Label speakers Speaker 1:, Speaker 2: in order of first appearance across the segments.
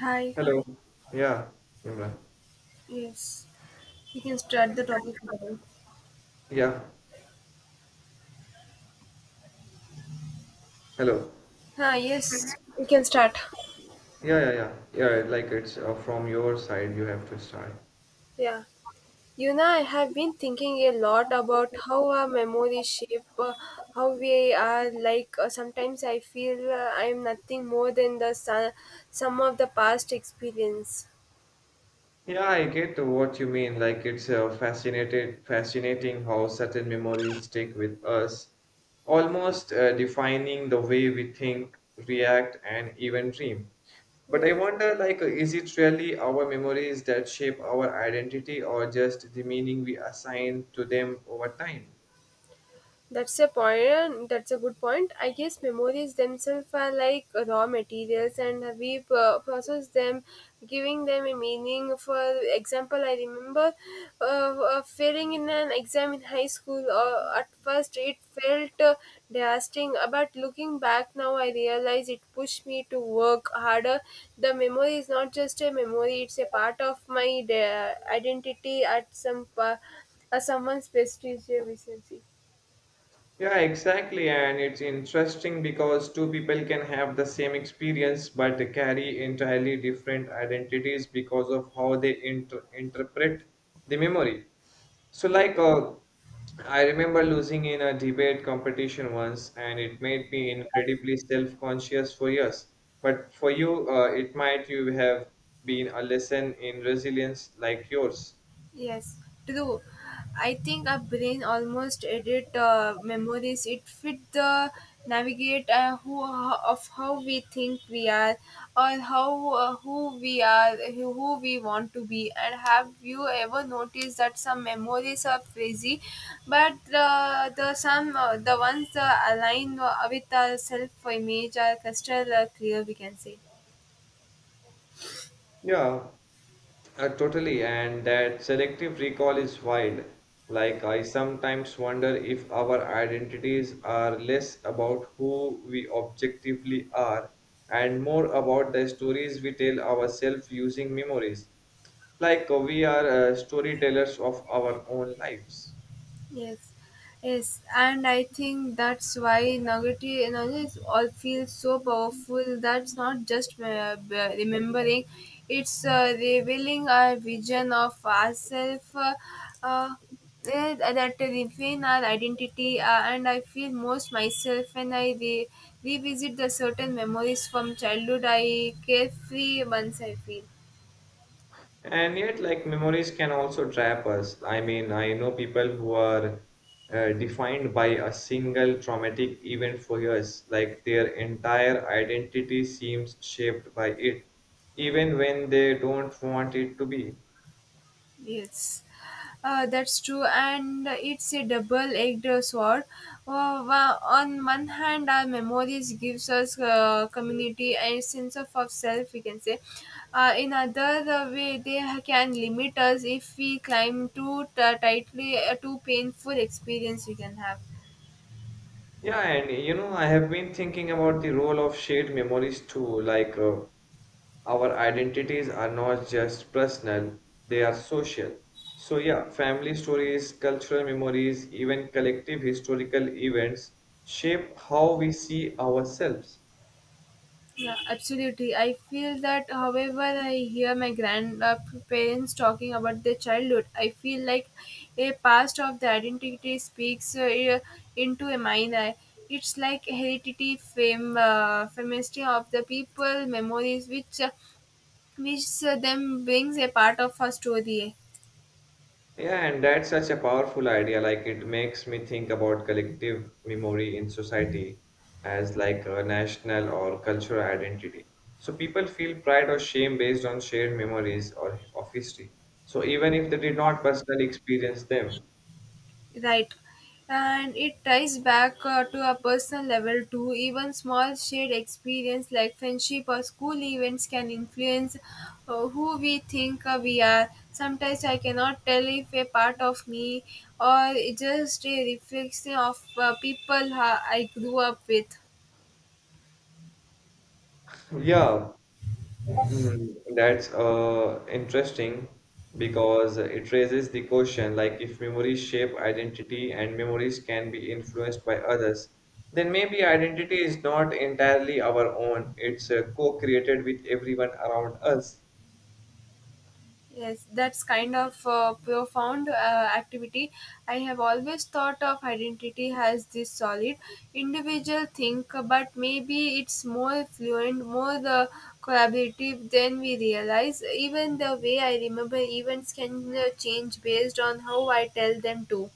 Speaker 1: Hi.
Speaker 2: Hello. Yeah. Imran.
Speaker 1: Yes. We can start the topic now.
Speaker 2: Yeah. Hello.
Speaker 1: Ah, yes. We can start.
Speaker 2: Yeah, yeah, yeah. Yeah, like it's from your side, you have to start.
Speaker 1: Yeah. You know, I have been thinking a lot about how our memories shape, how we are like. Sometimes I feel I am nothing more than the sum of the past experience.
Speaker 2: Yeah, I get what you mean. Like it's fascinating how certain memories stick with us, almost defining the way we think, react, and even dream. But I
Speaker 1: Yes.
Speaker 2: wonder, is it really our memories that shape our identity, or just the meaning we assign to them over time?
Speaker 1: That's a point. That's a good point. I guess memories themselves are like raw materials, and we process them, giving them a meaning. For example, I remember failing in an exam in high school. At first, it felt devastating, but looking back now, I realize it pushed me to work harder. The memory is not just a memory; it's a part of my identity at someone's prestigious recency.
Speaker 2: Yeah, exactly. And it's interesting because two people can have the same experience but carry entirely different identities because of how they interpret the memory. So,
Speaker 1: Yeah.
Speaker 2: like, uh, I remember losing in a debate competition once, and it made me incredibly self conscious for years. But for you, it might you have been a lesson in resilience like yours.
Speaker 1: Yes, true. I think our brain almost edit memories. It fit the navigate who of how we think we are, or how who we are, who we want to be. And have you ever noticed that some memories are frizzy, but the ones aligned with our self image are crystal clear. We can say.
Speaker 2: Yeah, totally. And that selective recall is wild. Like, I sometimes wonder if our identities are less about who we objectively are and more about the stories we tell ourselves using memories. Like, we are storytellers of our own lives.
Speaker 1: Yes, yes, and I think that's why negative energy is all feels so powerful. That's not just remembering; it's revealing our vision of ourselves. Uh, that refine our identity, and I feel most myself when I revisit the certain memories from childhood. I carefree once I feel.
Speaker 2: And yet, like memories can also trap us. I mean, I know people who are defined by a single traumatic event for years, like their entire identity seems shaped by it, even when they don't want it to be.
Speaker 1: Yes, that's true, and it's a double-edged sword. Wa- on one hand, our memories gives us community and sense of self, we can say. In other way, can limit us if we climb tightly, too painful experience we can have.
Speaker 2: Yeah, and you know, I have been thinking about the role of shared memories too, our identities are not just personal, they are social. So, yeah, family stories, cultural memories, even collective historical events shape how we see ourselves.
Speaker 1: Yeah, absolutely. I feel that however I hear my grandparents talking about their childhood, I feel like a past of the identity speaks into a minor. It's like heredity, fame, family of the people, memories, which them brings a part of our story.
Speaker 2: Yeah, and that's such a powerful idea. Like, it makes me think about collective memory in society as like a national or cultural identity. So, people feel pride or shame based on shared memories or of history. So, even if they did not personally experience them,
Speaker 1: Right. And it ties back to a personal level too. Even small shared experience like friendship or school events can influence who we think we are. Sometimes I cannot tell if a part of me or it just a reflection of people I grew up with.
Speaker 2: yeah, mm, that's interesting because it raises the question like if memories shape identity and memories can be influenced by others, then maybe identity is not entirely our own, it's co-created with everyone around us.
Speaker 1: Yes, that's kind of profound activity. I have always thought of identity as this solid individual thing, but maybe it's more fluent, more the collaborative than we realize. Even the way I remember events can change based on how I tell them to.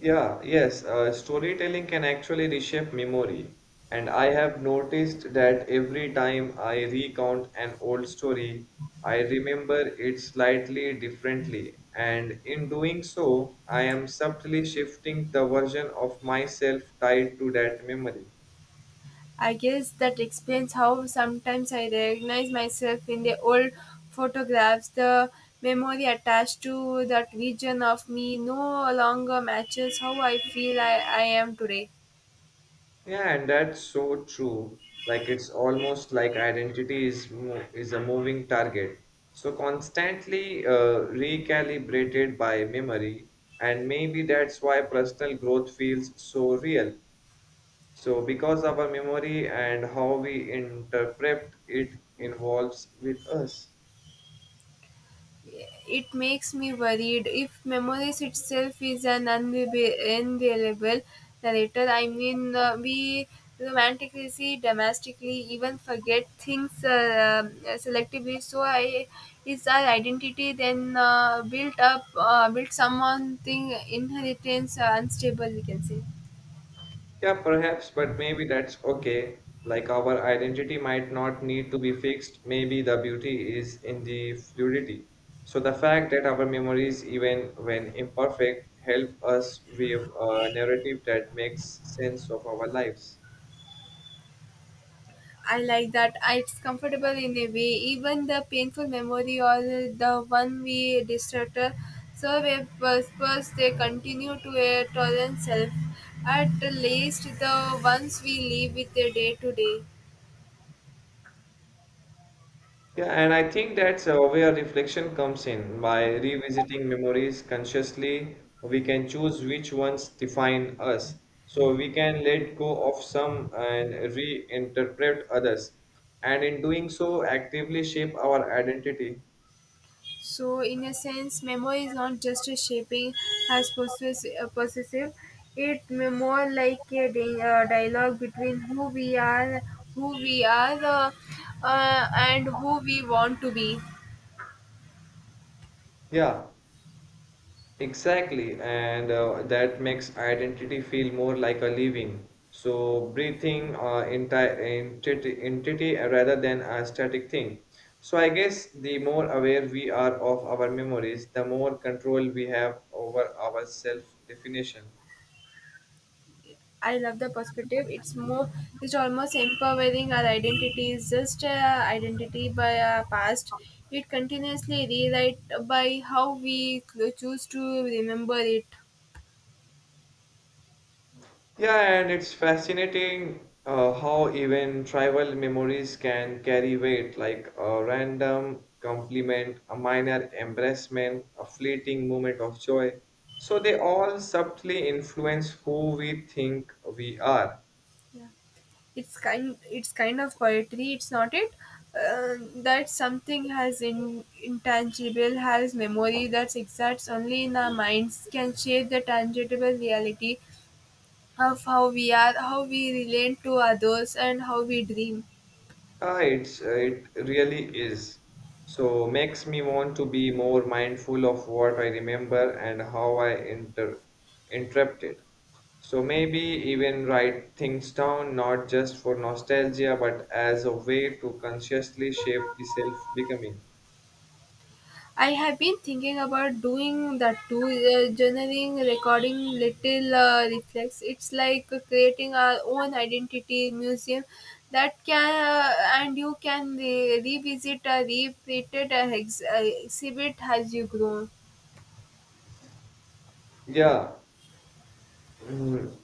Speaker 2: Yeah, yes, storytelling can actually reshape memory. And I have noticed that every time I recount an old story, I remember it slightly differently. And in doing so, I am subtly shifting the version of myself tied to that memory.
Speaker 1: I guess that explains how sometimes I recognize myself in the old photographs. The memory attached to that region of me no longer matches how I feel I am today.
Speaker 2: Yeah, and that's so true. Like it's almost like identity is a moving target. So constantly recalibrated by memory, and maybe that's why personal growth feels so real. So because our memory and how we interpret it involves with us.
Speaker 1: It makes me worried. If memories itself is an unreliable narrator, I mean, we romantically, domestically, even forget things selectively. So, I is our identity then built someone thing inheritance unstable, we can say.
Speaker 2: Yeah, perhaps, but maybe that's okay. Like our identity might not need to be fixed. Maybe the beauty is in the fluidity. So the fact that our memories, even when imperfect, help us with a narrative that makes sense of our lives.
Speaker 1: I like that. It's comfortable in a way. Even the painful memory or the one we distracted, so we purpose they continue to a tolerant self. At least the ones we live with the day to day.
Speaker 2: Yeah, and I think that's where reflection comes in. By revisiting memories consciously, we can choose which ones define us. So we can let go of some and reinterpret others. And in doing so, actively shape our identity.
Speaker 1: So in a sense, memory is not just a shaping as possessive. It may more like a dialogue between who we are, who we are, uh, and who we want to be.
Speaker 2: Yeah. Exactly, and that makes identity feel more like a living, so breathing entity rather than a static thing. So I guess the more aware we are of our memories, the more control we have over our self-definition.
Speaker 1: I love the perspective. It's almost empowering. Our identity is just identity by our past. It continuously rewrite by how we choose to remember it.
Speaker 2: Yeah, and it's fascinating how even tribal memories can carry weight, like a random compliment, a minor embarrassment, a fleeting moment of joy. So they all subtly influence who we think we are.
Speaker 1: Yeah. It's kind of poetry. It's not it. That something has intangible has memory that exists only in our minds can shape the tangible reality of how we are, how we relate to others, and how we dream.
Speaker 2: It really is. So makes me want to be more mindful of what I remember and how I interpret it. So maybe even write things down, not just for nostalgia, but as a way to consciously shape the self becoming.
Speaker 1: I have been thinking about doing that too, journaling, recording little reflects. It's like creating our own identity museum that can and you can revisit or repeat it, exhibit as you grow.
Speaker 2: Yeah. Mhm.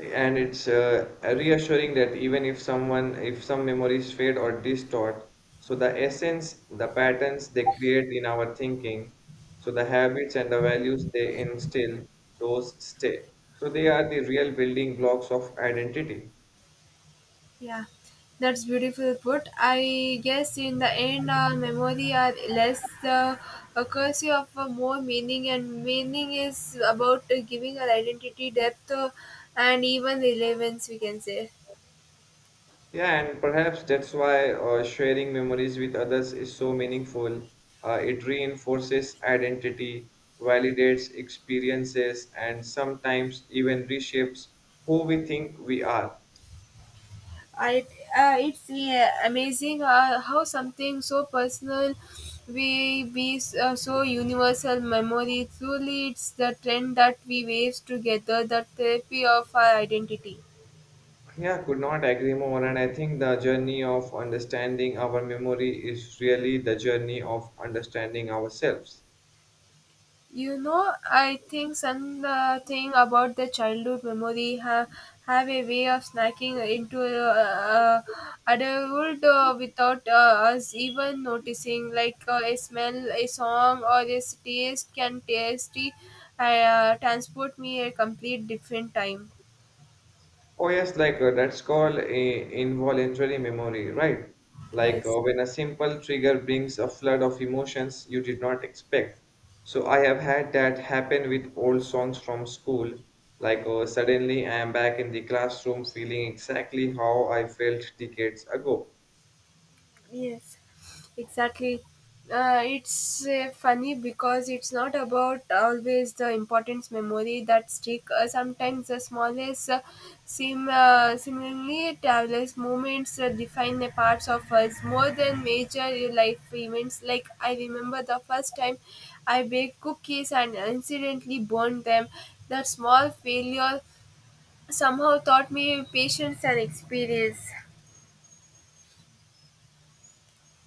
Speaker 2: And it's reassuring that even if someone if some memories fade or distort, so the essence, the patterns they create in our thinking, so the habits and the values they instill, those stay, so they are the real building blocks of identity.
Speaker 1: Yeah, that's beautiful put. I guess in the end, memory are less a curse of a more meaning, and meaning is about giving our identity depth and even relevance. We can say.
Speaker 2: Yeah, and perhaps that's why sharing memories with others is so meaningful. It reinforces identity, validates experiences, and sometimes even reshapes who we think we are.
Speaker 1: I It's amazing how something so personal we be so universal memory. Truly, it's the trend that we weave together the therapy of our identity.
Speaker 2: Yeah, could not agree more. And I think the journey of understanding our memory is really the journey of understanding ourselves.
Speaker 1: You know, I think some thing about the childhood memory have a way of snacking into adulthood without us even noticing. Like a smell, a song, or a taste can tasty transport me a complete different time.
Speaker 2: Oh yes, that's called a involuntary memory, right?
Speaker 1: Yes.
Speaker 2: When a simple trigger brings a flood of emotions you did not expect. So I have had that happen with old songs from school. Suddenly I am back in the classroom feeling exactly how I felt decades ago.
Speaker 1: Yes, exactly. It's funny because it's not about always the important memory that stick. Sometimes the smallest, seemingly timeless moments define the parts of us more than major life events. Like I remember the first time I baked cookies and incidentally burned them. That small failure somehow taught me patience and experience.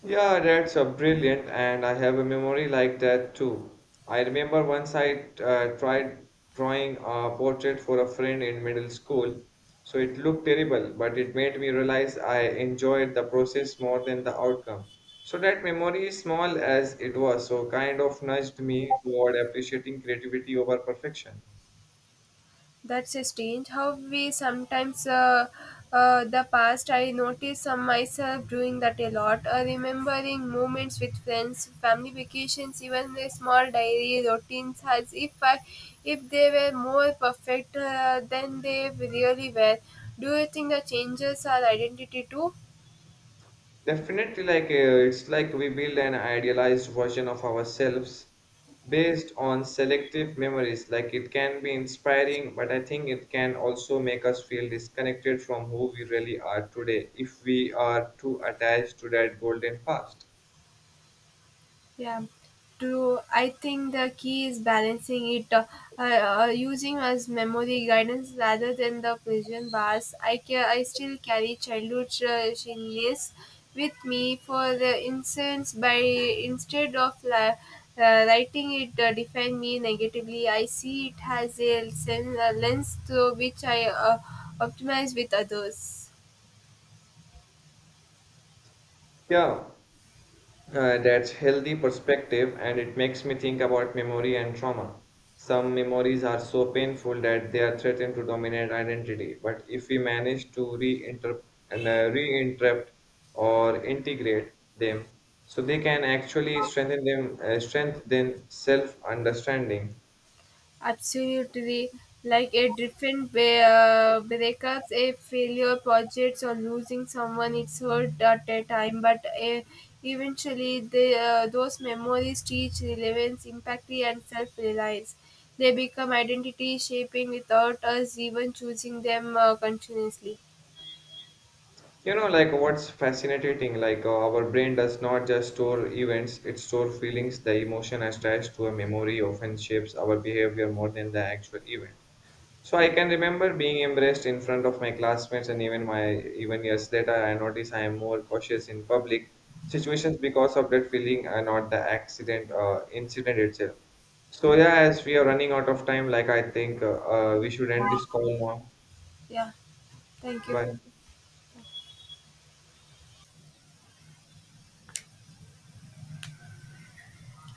Speaker 2: Yeah, that's brilliant, and I have a memory like that too. I remember once I tried drawing a portrait for a friend in middle school, so it looked terrible, but it made me realize I enjoyed the process more than the outcome. So that memory, small as it was, so kind of nudged me toward appreciating creativity over perfection.
Speaker 1: That's strange. How we sometimes the past. I notice myself doing that a lot. Remembering moments with friends, family vacations, even the small diary routines, as if if they were more perfect than they really were. Do you think the changes our identity too?
Speaker 2: Definitely, it's like we build an idealized version of ourselves based on selective memories. Like it can be inspiring, but I think it can also make us feel disconnected from who we really are today if we are too attached to that golden past.
Speaker 1: Yeah, do I think the key is balancing it, using as memory guidance rather than the prison bars. I still carry childhood challenges with me for the instance by writing it define me negatively. I see it has a, a lens through which I optimize with others.
Speaker 2: Yeah, uh, that's healthy perspective and it makes me think about memory and trauma. Some memories are so painful that they are threatened to dominate identity, but if we manage to reinterpret or integrate them, so they can actually strengthen self-understanding.
Speaker 1: Absolutely. Like a different breakup, a failure projects or losing someone, it's hurt at a time, but eventually those memories teach relevance, impact, and self reliance. They become identity shaping without us even choosing them continuously.
Speaker 2: You know, like what's fascinating, our brain does not just store events, it stores feelings. The emotion attached to a memory often shapes our behavior more than the actual event. So I can remember being embraced in front of my classmates and even years later I notice I am more cautious in public situations because of that feeling and not the accident incident itself. So yeah, as we are running out of time, like I think we should end this call now.
Speaker 1: Yeah, thank you.
Speaker 2: Bye.